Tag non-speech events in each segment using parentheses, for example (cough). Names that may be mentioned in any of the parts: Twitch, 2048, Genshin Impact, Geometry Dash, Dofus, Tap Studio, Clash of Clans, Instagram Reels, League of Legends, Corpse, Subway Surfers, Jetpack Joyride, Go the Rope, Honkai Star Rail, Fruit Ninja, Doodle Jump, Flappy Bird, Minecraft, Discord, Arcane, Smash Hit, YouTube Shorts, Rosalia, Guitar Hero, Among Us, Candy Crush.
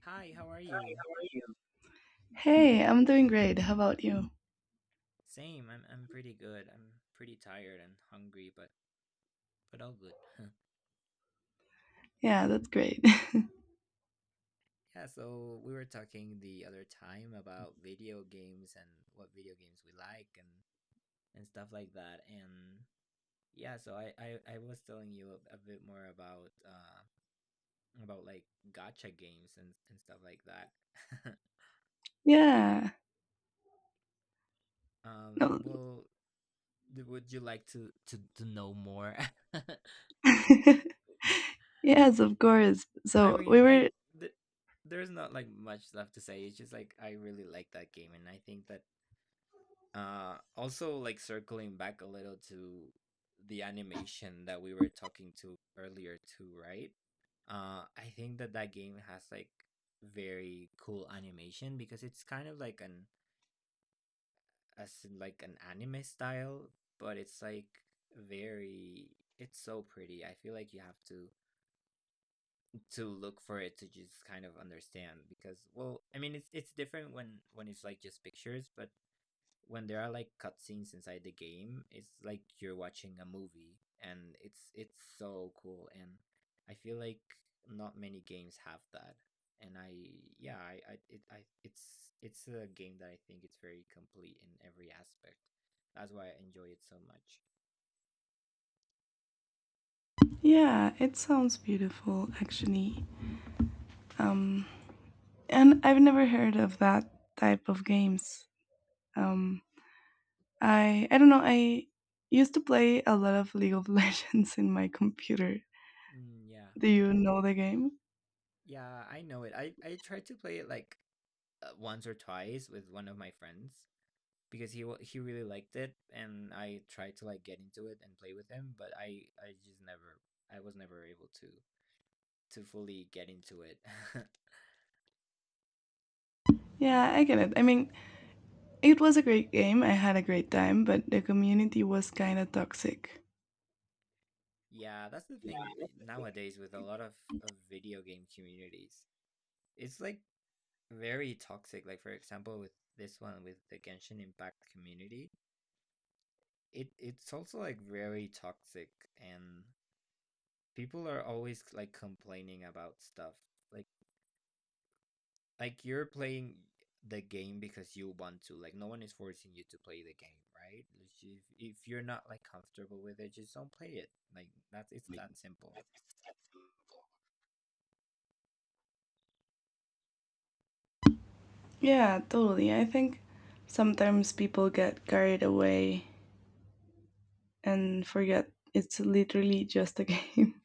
Hi, how are you? Hey, I'm doing great. How about you? Same. I'm pretty good. I'm pretty tired and hungry, but all good. (laughs) Yeah, that's great. (laughs) Yeah, so we were talking the other time about video games and what video games we like and stuff like that. And yeah, so I was telling you a bit more about like gacha games and stuff like that. (laughs) Yeah. Um, No. well, would you like to to know more? (laughs) (laughs) Yes, of course. I So we mean, were. th- there's not like much left to say. It's just like I really like that game, and I think that also like circling back a little to the animation that we were talking to earlier too, right? I think that game has like very cool animation because it's kind of like an as in like an anime style, but it's like very it's so pretty. I feel like you have to look for it to just kind of understand because well I mean it's different when it's like just pictures, but when there are like cutscenes inside the game, it's like you're watching a movie and it's so cool. And I feel like not many games have that. And I yeah I, it, I it's a game that I think it's very complete in every aspect. That's why I enjoy it so much. Yeah, it sounds beautiful, actually. Um, and I've never heard of that type of games. Um, I don't know. I used to play a lot of League of (laughs) Legends in my computer. Mm, yeah. Do you know the game? Yeah, I know it. I tried to play it like once or twice with one of my friends because he really liked it and I tried to like get into it and play with him, but I just never I was never able to fully get into it. (laughs) Yeah, I get it. I mean, it was a great game. I had a great time, but the community was kind of toxic. Yeah, that's the thing nowadays with a lot of video game communities. It's like very toxic. Like for example with this one with the Genshin Impact community, it's also like very toxic, and people are always like complaining about stuff. Like you're playing the game because you want to, like, no one is forcing you to play the game, right? Like, if you're not like comfortable with it, just don't play it. Like that's it's that simple. Yeah, totally. I think sometimes people get carried away and forget it's literally just a game.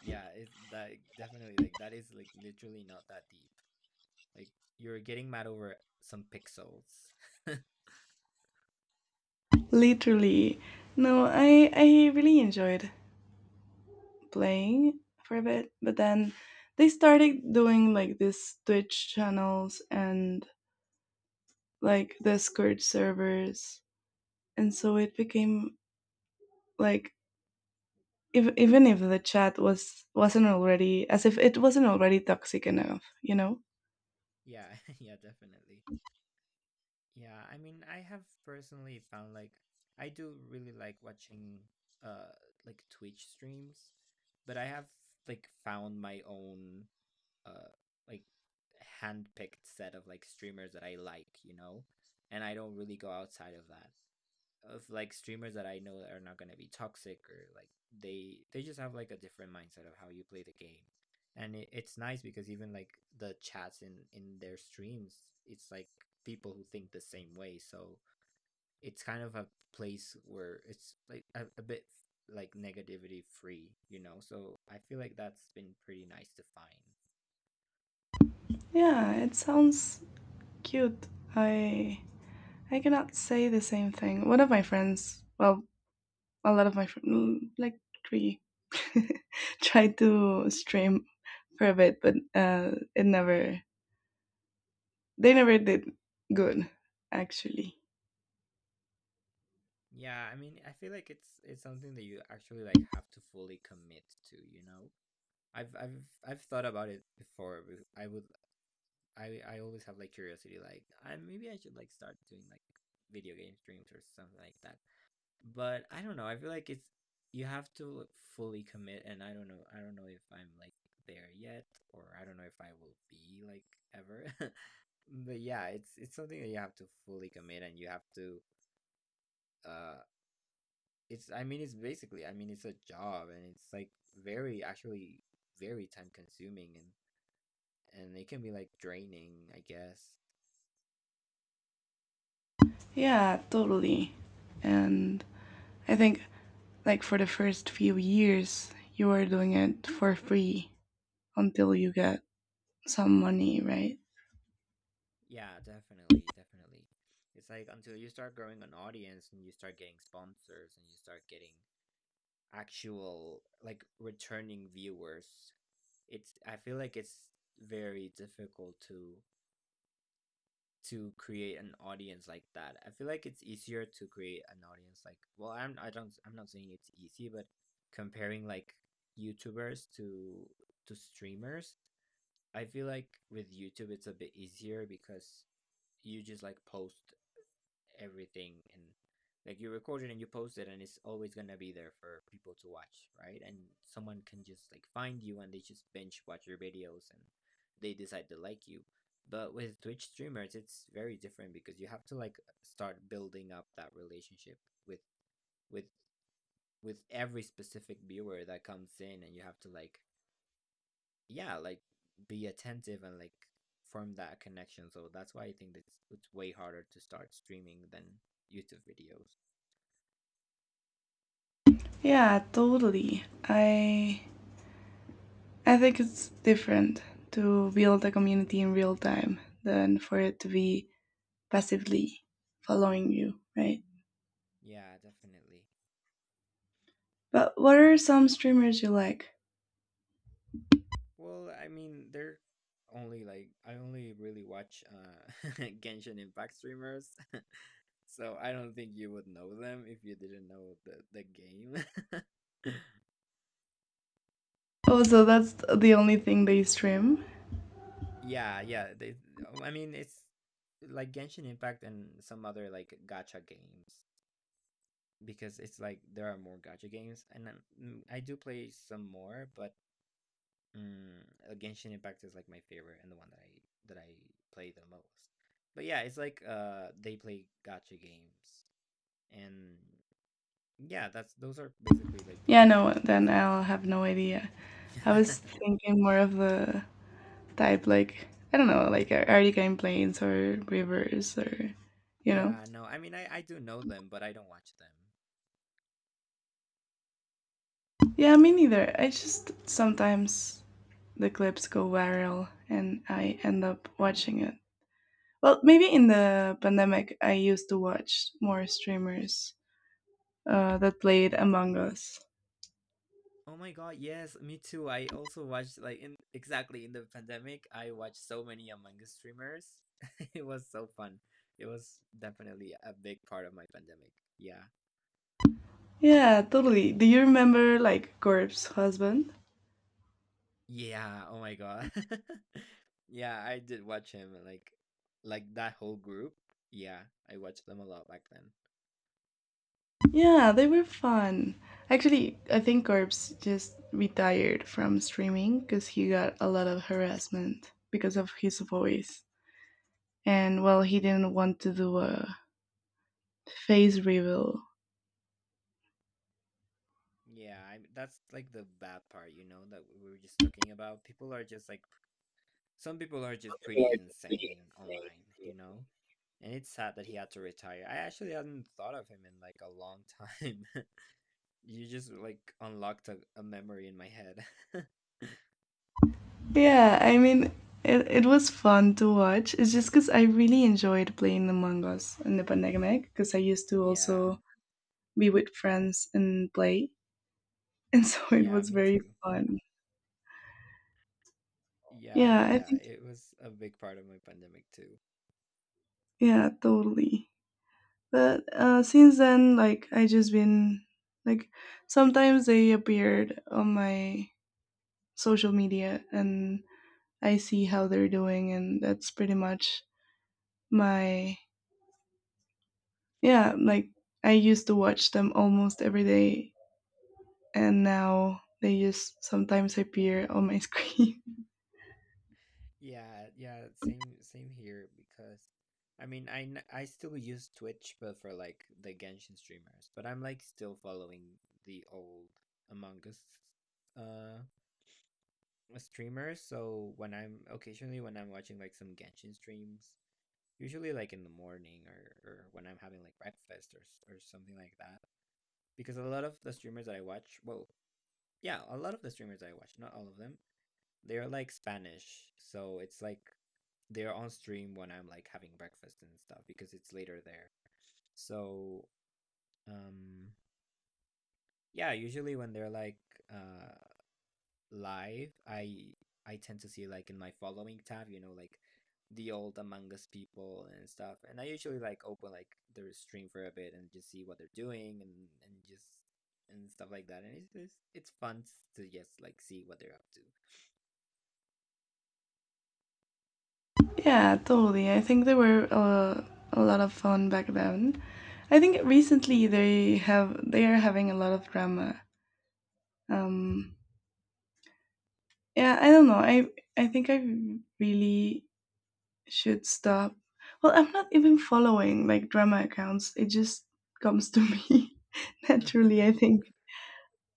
Yeah, it's that definitely. Like that is like literally not that deep. Like you're getting mad over some pixels. (laughs) Literally. No, I really enjoyed playing for a bit, but then they started doing like this Twitch channels and like Discord servers, and so it became like, if, even if the chat wasn't already, as if it wasn't already toxic enough. (laughs) Yeah, (laughs) yeah, definitely. Yeah, I mean, I have personally found like I do really like watching uh like Twitch streams, but I have like found my own uh like handpicked set of like streamers that I like, you know, and I don't really go outside of that. Of like streamers that I know that are not gonna be toxic, or like they just have like a different mindset of how you play the game, and it's nice because even like the chats in their streams, it's like people who think the same way. So it's kind of a place where it's like a bit like negativity free, you know. So I feel like that's been pretty nice to find. Yeah, it sounds cute. I i cannot say the same thing. One of my friends, well, a lot of my friends, like three, (laughs) tried to stream for a bit, but it never, they never did good, actually. Yeah, I mean, I feel like it's something that you actually like have to fully commit to, you know? I've thought about it before. But I would I always have like curiosity, like I maybe I should like start doing like video game streams or something like that. But I don't know. I feel like it's you have to like fully commit, and I don't know. I don't know if I'm like there yet, or I don't know if I will be like ever. (laughs) But yeah, it's something that you have to fully commit, and you have to uh it's I mean, it's a job and it's like very actually very time consuming, and it can be like draining, I guess. Yeah, totally. And I think, like, for the first few years you were doing it for free until you get some money, right? Yeah, definitely, definitely. It's like until you start growing an audience and you start getting sponsors and you start getting actual like returning viewers, it's I feel like it's very difficult to create an audience like that. I feel like it's easier to create an audience, like well, I don't I'm not saying it's easy, but comparing like YouTubers to streamers, I feel like with YouTube it's a bit easier because you just like post everything, and like you record it and you post it and it's always gonna be there for people to watch, right? And someone can just like find you and they just binge watch your videos and they decide to like you. But with Twitch streamers, it's very different because you have to like start building up that relationship with with with every specific viewer that comes in, and you have to like yeah, like be attentive and like form that connection. So that's why I think that it's way harder to start streaming than YouTube videos. Yeah, totally. I think it's different to build a community in real time than for it to be passively following you, right? Yeah, definitely. But what are some streamers you like? Well, I mean, they're only like I only really watch (laughs) Genshin Impact streamers, (laughs) so I don't think you would know them if you didn't know the game. (laughs) Oh, so that's the only thing they stream? Yeah, yeah, they oh, I mean, it's like Genshin Impact and some other like gacha games because it's like there are more gacha games, and then, mm, I do play some more, but mm, Genshin Impact is like my favorite and the one that I play the most. But yeah, it's like they play gacha games. And yeah, that's those are basically like the Yeah, no, ones then that I'll have no idea. I I was would. (laughs) thinking more of the type, like, I don't know, like Artie Plains or Rivers or you know. Yeah, no. I mean, I do know them, but I don't watch them. Yeah, me neither. I just sometimes the clips go viral and I end up watching it. Well, maybe in the pandemic, I used to watch more streamers that played Among Us. Oh my God, yes, me too. I also watched like in exactly in the pandemic, I watched so many Among Us streamers. (laughs) It was so fun. It was definitely a big part of my pandemic. Yeah. Yeah, totally. Do you remember like Corp's husband? Yeah, oh my God. (laughs) Yeah, I did watch him like that whole group. Yeah, I watched them a lot back then. Yeah, they were fun. Actually, I think Corpse just retired from streaming because he got a lot of harassment because of his voice. And well, he didn't want to do a face reveal. Yeah, I that's like the bad part, you know, that we were just talking about. People are just like some people are just pretty insane online, you know? And it's sad that he had to retire. I actually hadn't thought of him in like a long time. (laughs) You just like unlocked a memory in my head. (laughs) Yeah, I mean, it was fun to watch. It's just because I really enjoyed playing Among Us in the pandemic because I used to Yeah. also be with friends and play. (laughs) And so it Yeah, was me very too. fun. Yeah, Yeah, yeah, I yeah. think, It was a big part of my pandemic too. yeah, totally. But since then, like, I just been, like, sometimes they appeared on my social media and I see how they're doing. And that's pretty much my, yeah, like, I used to watch them almost every day and now they just sometimes appear on my screen. Yeah, yeah, same here because I mean, I still use Twitch but for like the Genshin streamers, but I'm like still following the old Among Us uh streamers, so when I'm occasionally when I'm watching like some Genshin streams, usually like in the morning or when I'm having like breakfast or or something like that, because a lot of the streamers that I watch, well, yeah, a lot of the streamers I watch, not all of them, they're like Spanish, so it's like they're on stream when I'm like having breakfast and stuff because it's later there. So um yeah, usually when they're like uh live, I tend to see like in my following tab, you know, like the old Among Us people and stuff. And I usually like open like their stream for a bit and just see what they're doing and just and stuff like that. And it's fun to just like see what they're up (laughs) Yeah, totally. I think they were a lot of fun back then. I think recently they are having a lot of drama. Um, yeah, I don't know. I think I really should stop. Well, I'm not even following like drama accounts. It just comes to me (laughs) to. naturally. (laughs) I think.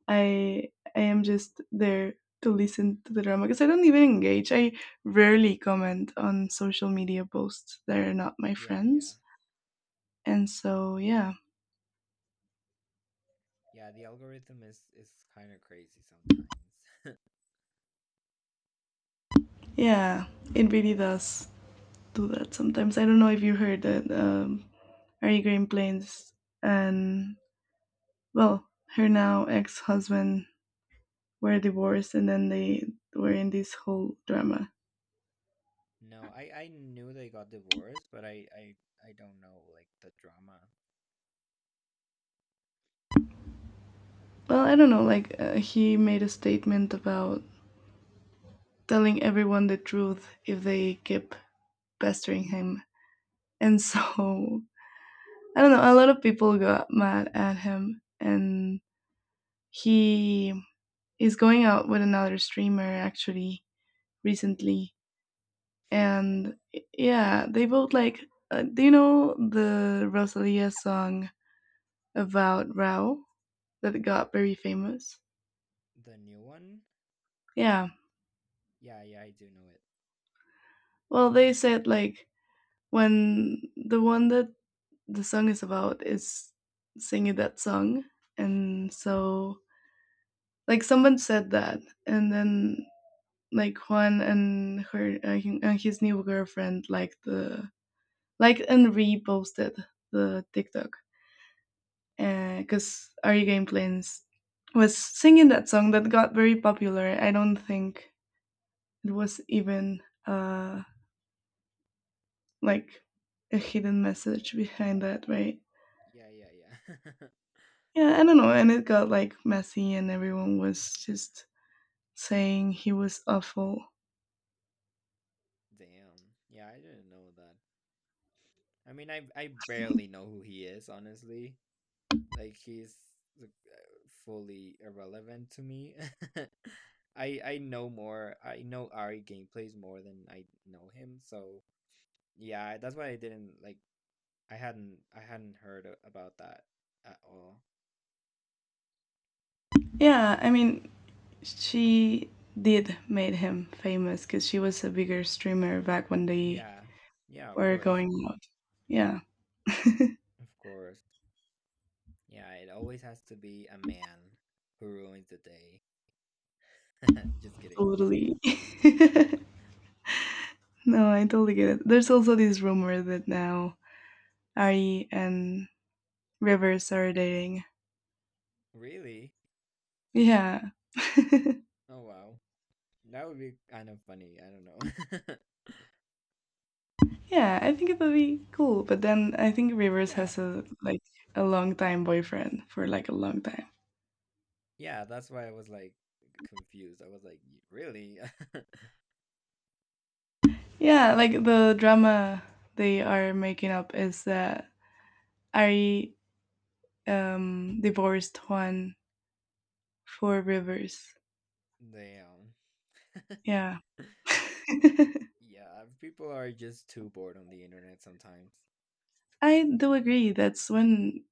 I I am just there to listen to the drama because I don't even engage. I rarely comment on social media posts that are not my Yeah, yeah. friends. And so yeah, Yeah, the algorithm is kind of crazy sometimes. yeah, it really does do that sometimes. I don't know if you heard that Ari Green Plains and, well, her now ex-husband were divorced, and then they were in this whole drama. No, I knew they got divorced, but I I don't know like the drama. Well, I don't know. Like, he made a statement about telling everyone the truth if they keep pestering him. And (laughs) so, I don't know, a lot of people got mad at him. And he is going out with another streamer, actually, Oh, recently. And yeah, they both, like, do you know the Rosalia song about Rao that got very famous? the new one? Yeah. Yeah, yeah, I do know it. Well, they said like when the one that the song is about is singing that song. And so, like, someone said that, and then like Juan and and his new girlfriend like and reposted the TikTok because Ari Gameplains was singing that song that got very popular. I don't think it was even like a hidden message behind that, right? Yeah, yeah, yeah. Yeah, I don't know, and it got like messy, and everyone was just saying he was awful. (laughs) Damn. Yeah, I didn't know that. I mean, I barely know who he is, honestly. Like he's like, fully irrelevant to me. (laughs) I know more. I know Ari gameplays more than I know him, so yeah, that's why I didn't like I hadn't heard about that at all. Yeah, I mean, she did made him famous because she was a bigger streamer back when they Yeah. Yeah, of were course. going out. Yeah, Of course. Yeah, it always has to be a man who ruins the day. (laughs) Just kidding. totally. (laughs) No, I totally get it. There's also this rumor that now Ari and Rivers are dating. Really? Yeah, Oh, wow. That would be kind of funny. I don't know. (laughs) yeah, I think it would be cool. But then I think Rivers Yeah. has a, like, a long time boyfriend for like a long time. Yeah, that's why I was like confused. I was like, "Y- really? Yeah, like the drama they are making up is that Ari divorced Juan for Rivers. (laughs) Damn. (laughs) Yeah. (laughs) I Yeah, people are just too bored on the internet sometimes. do agree. That's when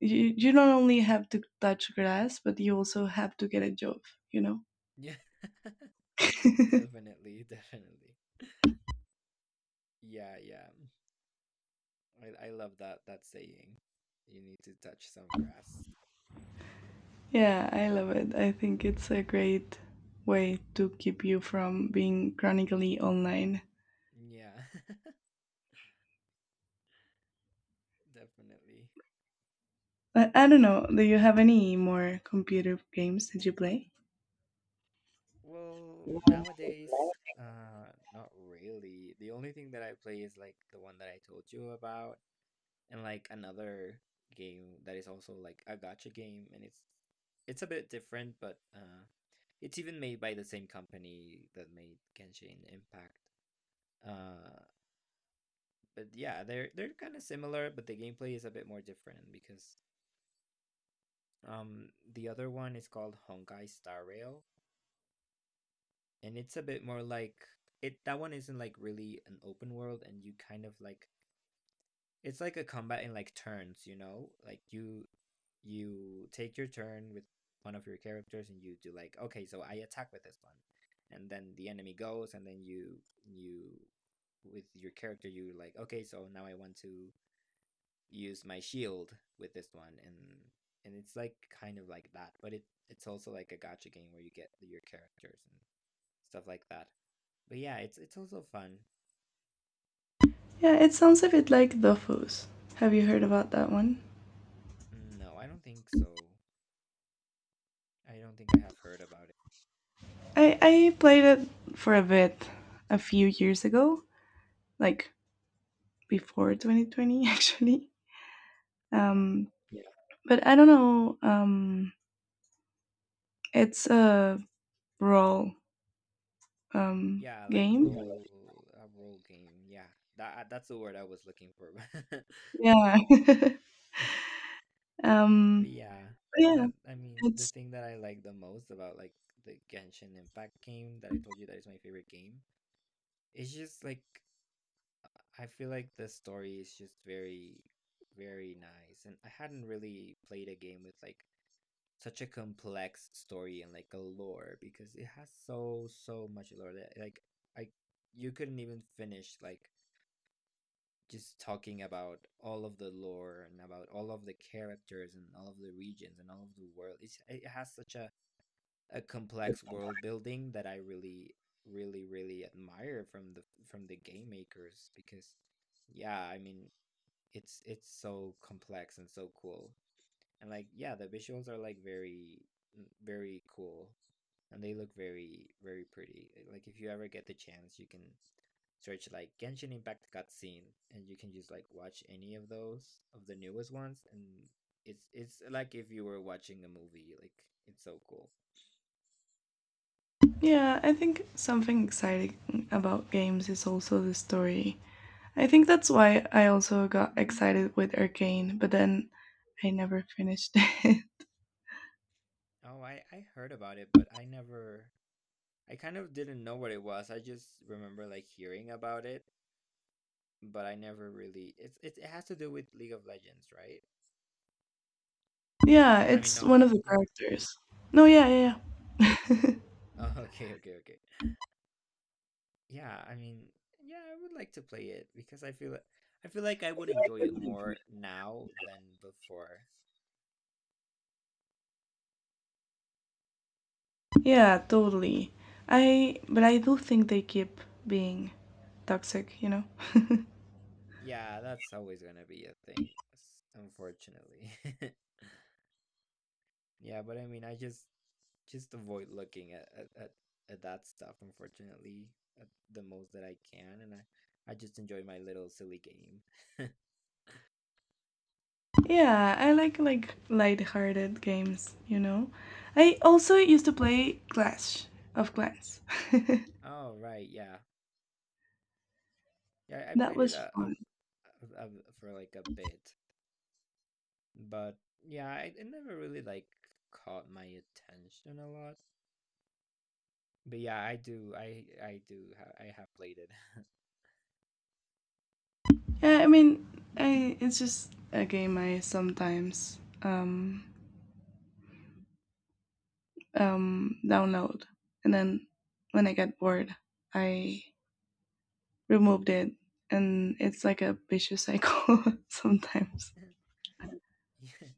you not only have to touch grass, but you also have to get a job, you know? Yeah. (laughs) Definitely, definitely. Yeah, yeah. I love that saying. You need to touch some grass. Yeah, I love it. I think it's a great way to keep you from being chronically online. Yeah, (laughs) definitely. I don't know. Do you have any more computer games that you play? Well, nowadays, not really. The only thing that I play is like the one that I told you about, and like another game that is also like a gacha game, and it's a bit different, but it's even made by the same company that made Genshin Impact. Uh, but yeah, they're kind of similar, but the gameplay is a bit more different because the other one is called Honkai Star Rail, and it's a bit more like it. That one isn't like really an open world, and you kind of like it's like a combat in like turns. You know, like you take your turn with one of your characters, and you do like okay, so I attack with this one, and then the enemy goes, and then you with your character you like okay, so now I want to use my shield with this one and it's like kind of like that but it it's also like a gacha game where you get your characters and stuff like that but yeah it's also fun. Yeah, it sounds a bit like Dofus. Have you heard about that one? No, I don't think so. I don't think I have heard about it. I played it for a bit a few years ago, like before 2020 (laughs) actually. Yeah, um, but I don't know. It's a role yeah, like game. role a role game, yeah. That's the word I was looking for. (laughs) Yeah. Yeah. But (laughs) um, yeah, yeah, that I mean the it's thing that I like the most about like the Genshin Impact game that I told you that is my favorite game, it's just like I feel like the story is just very, very nice. And I hadn't really played a game with like such a complex story and like a lore, because it has so, so much lore that like I you couldn't even finish like just talking about all of the lore and about all of the characters and all of the regions and all of the world. It's, it has such a complex world building that I really, really, really admire from the game makers because yeah, I mean it's so complex and so cool. And like yeah, the visuals are like very very cool and they look very, very pretty. Eh, like if you ever get the chance, you can search like Genshin Impact cutscene and you can just like watch any of those of the newest ones and it's like if you were watching a movie. Like it's so cool. yeah, I think something exciting about games is also the story. I think that's why I also got excited with Arcane, but then I never finished (laughs) it. Oh, I heard about it, but I never I kind of didn't know what it was. I just remember like hearing about it but I never really. It's it, it has to do with League of Legends, right? Yeah, I mean, it's no, one no, of the yeah. characters. No, yeah, yeah, Oh, oh, (laughs) okay, okay, okay. Yeah, I mean, yeah, I would like to play it because I feel like I would enjoy it yeah. more now than before. Yeah, totally. I but I do think they keep being toxic, you know. Yeah, that's always gonna be a thing, unfortunately. (laughs) Yeah, but I mean, I just avoid looking at that stuff, unfortunately, at the most that I can, and I just enjoy my little silly game. (laughs) Yeah, I like light-hearted games, you know. I also used to play Clash of Clans. (laughs) Oh, right, yeah. Yeah, I That played it was fun. a, a, a- for like a bit, but yeah, I, it never really like caught my attention a lot. But yeah, I do, I do, I have played it. Yeah, I mean, I it's just a game I sometimes download and then when I get bored, I removed it and it's like a vicious cycle (laughs) sometimes. (laughs) Yeah,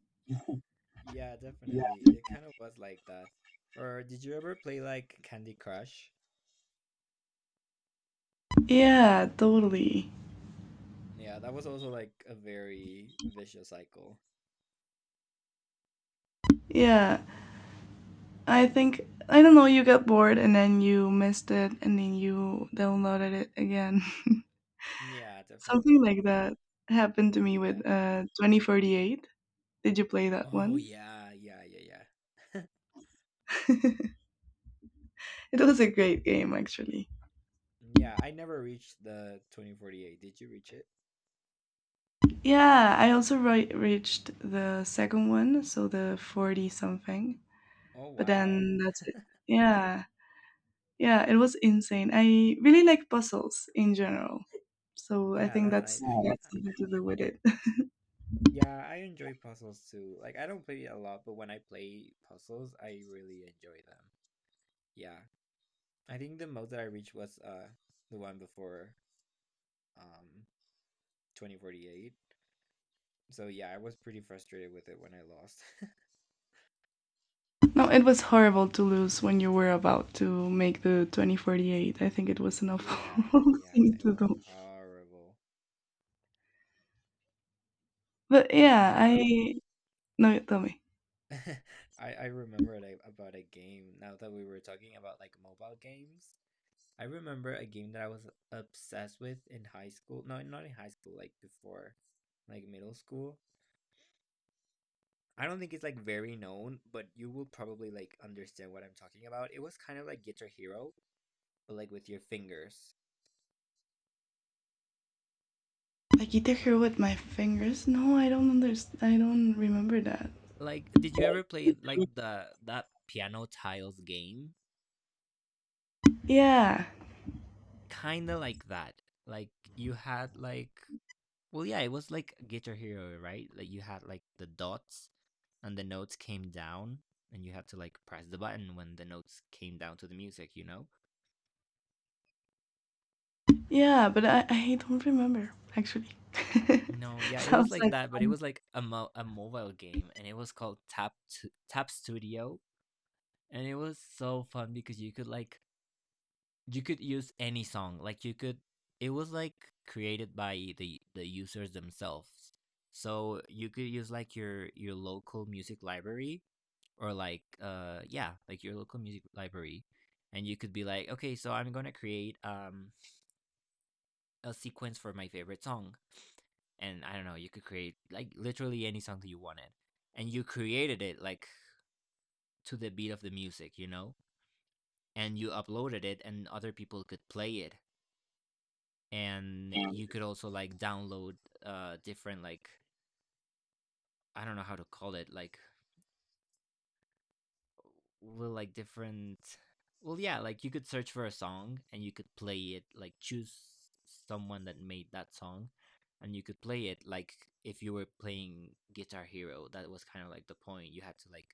yeah, definitely. It kind of was like that. Or did you ever play like Candy Crush? Yeah, totally. Yeah, that was also like a very vicious cycle. Yeah, I think, I don't know. You got bored and then you missed it and then you downloaded it again. (laughs) Yeah, Something definitely. like that happened to me Yeah. with 2048. Did you play that Oh one? yeah, yeah, yeah, yeah. (laughs) (laughs) It was a great game, actually. Yeah, I never reached the 2048. Did you reach it? Yeah, I also reached the second one, so the 40 something, Oh but wow. then that's it. Yeah, yeah, it was insane. I really like puzzles in general. So I Yeah, think that's that's nice. yeah, got I, that's something to do with it. (laughs) yeah, I enjoy puzzles too. Like, I don't play it a lot, but when I play puzzles, I really enjoy them. Yeah. I think the most that I reached was the one before um 2048. So yeah, I was pretty frustrated with it when I lost. (laughs) No, it was horrible to lose when you were about to make the 2048. I think it was an Yeah, awful (laughs) yeah, thing it to was do. horrible. But Yeah, yeah, now that I no, tell me. (laughs) I remembered I, about a game now that we were talking about like mobile games. I remember a game that I was obsessed with in high school. No, not in high school, like before, like middle school. I don't think it's like very known, but you will probably like understand what I'm talking about. It was kind of like Guitar Hero, but like with your fingers. I hit her with my fingers. No, I don't understand. I don't remember that. Like, did you ever play like the that piano tiles game? Yeah, Kinda like that. Like you had like well yeah, it was like Guitar Hero, right? Like you had like the dots and the notes came down and you had to like press the button when the notes came down to the music, you know? yeah, but I don't remember, actually. (laughs) No, yeah, it was Sounds like like that, but it fun. was like a mobile game and it was called Tap Studio and it was so fun because you could like you could use any song. Like you could it was like created by the users themselves. So you could use like your local music library or like yeah, like your local music library and you could be like, okay, so I'm gonna create a sequence for my favorite song. And I don't know, you could create like literally any song that you wanted. And you created it like to the beat of the music, you know? And you uploaded it and other people could play it. And you could also like download different like I don't know how to call it, like with like different well yeah like you could search for a song and you could play it like choose someone that made that song and you could play it like if you were playing Guitar Hero that was kind of like the point you had to like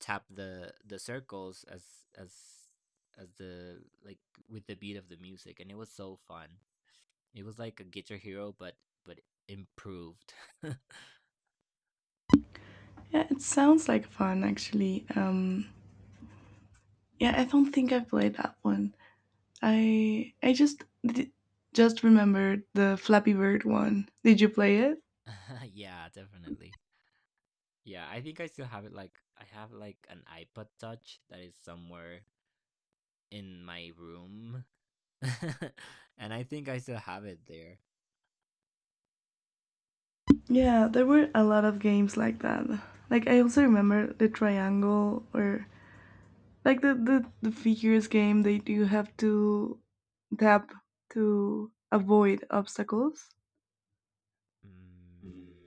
tap the circles as the like with the beat of the music and it was so fun, it was like a Guitar Hero but improved. Yeah, it sounds like fun, actually. Yeah, I don't think I played that one. I just remembered the Flappy Bird one. Did you play it? (laughs) Yeah, definitely. Yeah, I think I still have it like I have like an iPod Touch that is somewhere in my room. (laughs) And I think I still have it there. Yeah, there were a lot of games like that. Like, I also remember the triangle or, like, the figures game that you have to tap to avoid obstacles. Mm,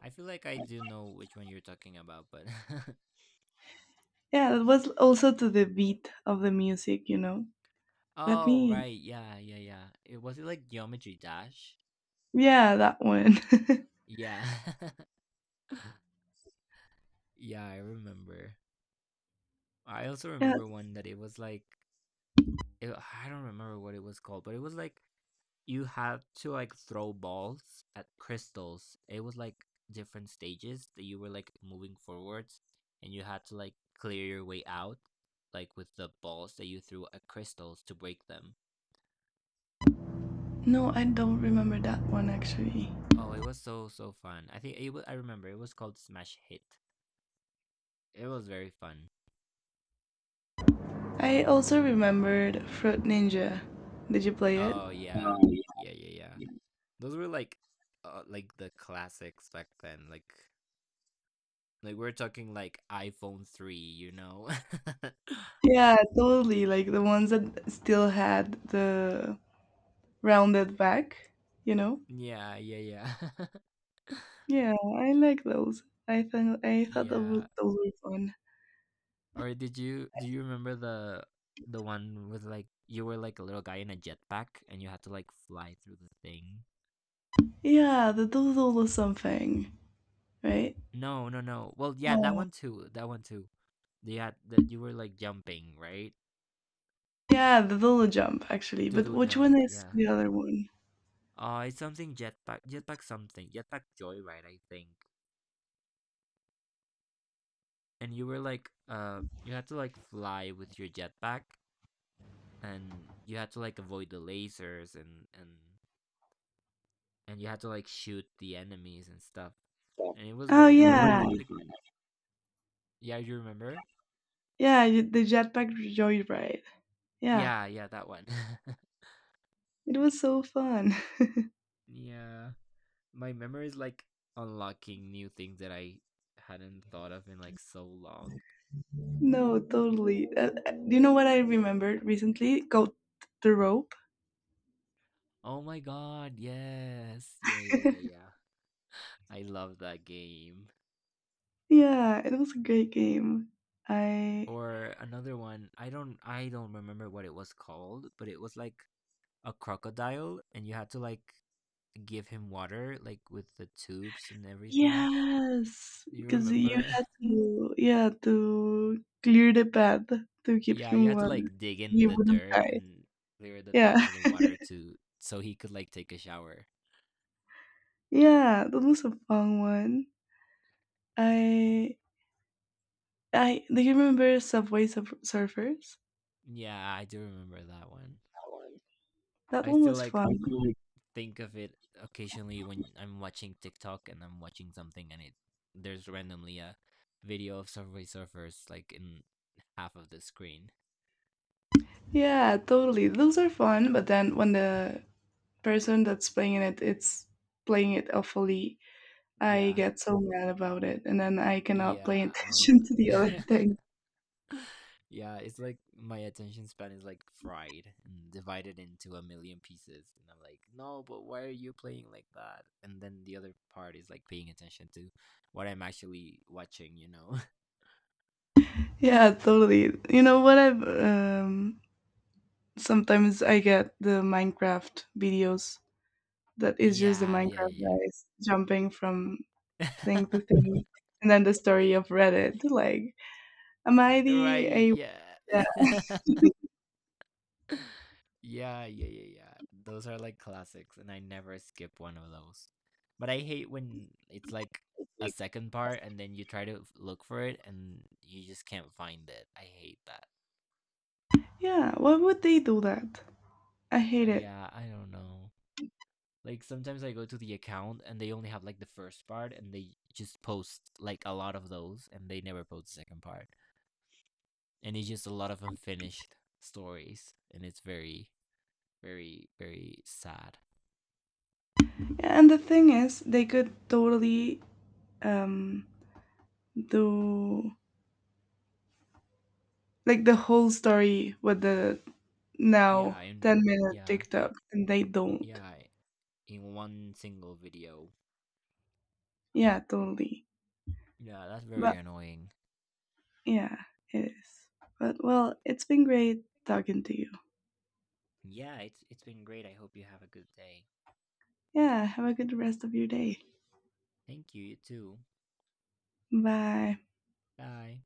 I feel like I do know which one you're talking about, but Yeah, it was also to the beat of the music, you know. (laughs) Let oh, me right. Yeah, yeah, yeah. It was it like Geometry Dash? Yeah, that one. (laughs) Yeah. (laughs) Yeah, I remember. I also Yeah. remember one that it was like it, I don't remember what it was called, but it was like you had to like throw balls at crystals. It was like different stages that you were like moving forwards and you had to like clear your way out like with the balls that you threw at crystals to break them. No, I don't remember that one, actually. Oh, it was so so fun. I think it was, I remember it was called Smash Hit. It was very fun. I also remembered Fruit Ninja. Did you play it? Oh yeah. Yeah, yeah, yeah. Those were like the classics back then. Like we're talking like iPhone 3, you know. (laughs) Yeah, totally. Like the ones that still had the rounded back, you know? Yeah, yeah, yeah. (laughs) Yeah, I like those. I think I thought Yeah. those were fun. Or did you do you remember the one with like you were like a little guy in a jetpack and you had to like fly through the thing? Yeah, the doodle something, right? No, no, no. Well, yeah, that No. one too. That one too. They had that you were like jumping, right? Yeah, the doodle jump, Yeah. actually. But Doodle which one jump, is yeah. the other one? It's something jetpack something. Jetpack Joyride, I think. And you were like you had to like fly with your jetpack and you had to like avoid the lasers and you had to like shoot the enemies and stuff. And it was Oh very fun. I yeah, feel like yeah, you remember? yeah, the jetpack joyride. Yeah, Yeah, yeah, that one. it was so fun. (laughs) Yeah. My memory is like unlocking new things that I hadn't thought of in like so long. No, totally. Do you know what I remembered recently? Go the rope. Oh my god, yes. Yeah, yeah, yeah, yeah. I love that game. Yeah, it was a great game. I Or another one, I don't remember what it was called, but it was like a crocodile and you had to like give him water like with the tubes and everything. Yes, You because you remember? had (laughs) to yeah, to clear the path to give Yeah, you him had to water. like dig He in the wouldn't dirt die. and clear the path Yeah, for the water to so he could like take a shower. (laughs) yeah, that was a fun one. I I Do you remember Subway Surfers? Yeah, I do remember that one. That I one still was like fun. think of it occasionally when I'm watching TikTok and I'm watching something and it there's randomly a video of Subway Surfers like in half of the screen. Yeah, totally. Those are fun, but then when the person that's playing it, it's playing it awfully, I Yeah. get so mad about it and then I cannot pay Yeah. I'll... attention (laughs) to the other thing. (laughs) Yeah, it's like my attention span is like fried and divided into a million pieces. And I'm like, no, but why are you playing like that? And then the other part is like paying attention to what I'm actually watching, you know? (laughs) Yeah, totally. You know what, I've sometimes I get the Minecraft videos that is just the Yeah, yeah, Minecraft yeah, guys jumping from thing to yeah. thing, and then the story of Reddit, like, am I (laughs) the Right, a— yeah. yeah, (laughs) Yeah, yeah, yeah, yeah. Those are like classics, and I never skip one of those. But I hate when it's like a second part and then you try to look for it and you just can't find it. I hate that. yeah, why would they do that? I hate it. Yeah, I don't know. Like sometimes I go to the account and they only have like the first part and they just post like a lot of those and they never post the second part. And it's just a lot of unfinished stories and it's very, very, very sad. And the thing is they could totally, um the, like, the whole story with the Yeah, now and 10-minute yeah. TikTok, and they don't. Yeah, in one single video. Yeah, totally. Yeah, that's very But annoying. yeah, it is. But well, it's been great talking to you. Yeah, it's been great. I hope you have a good day. Yeah, have a good rest of your day. Thank you, you too. Bye. Bye.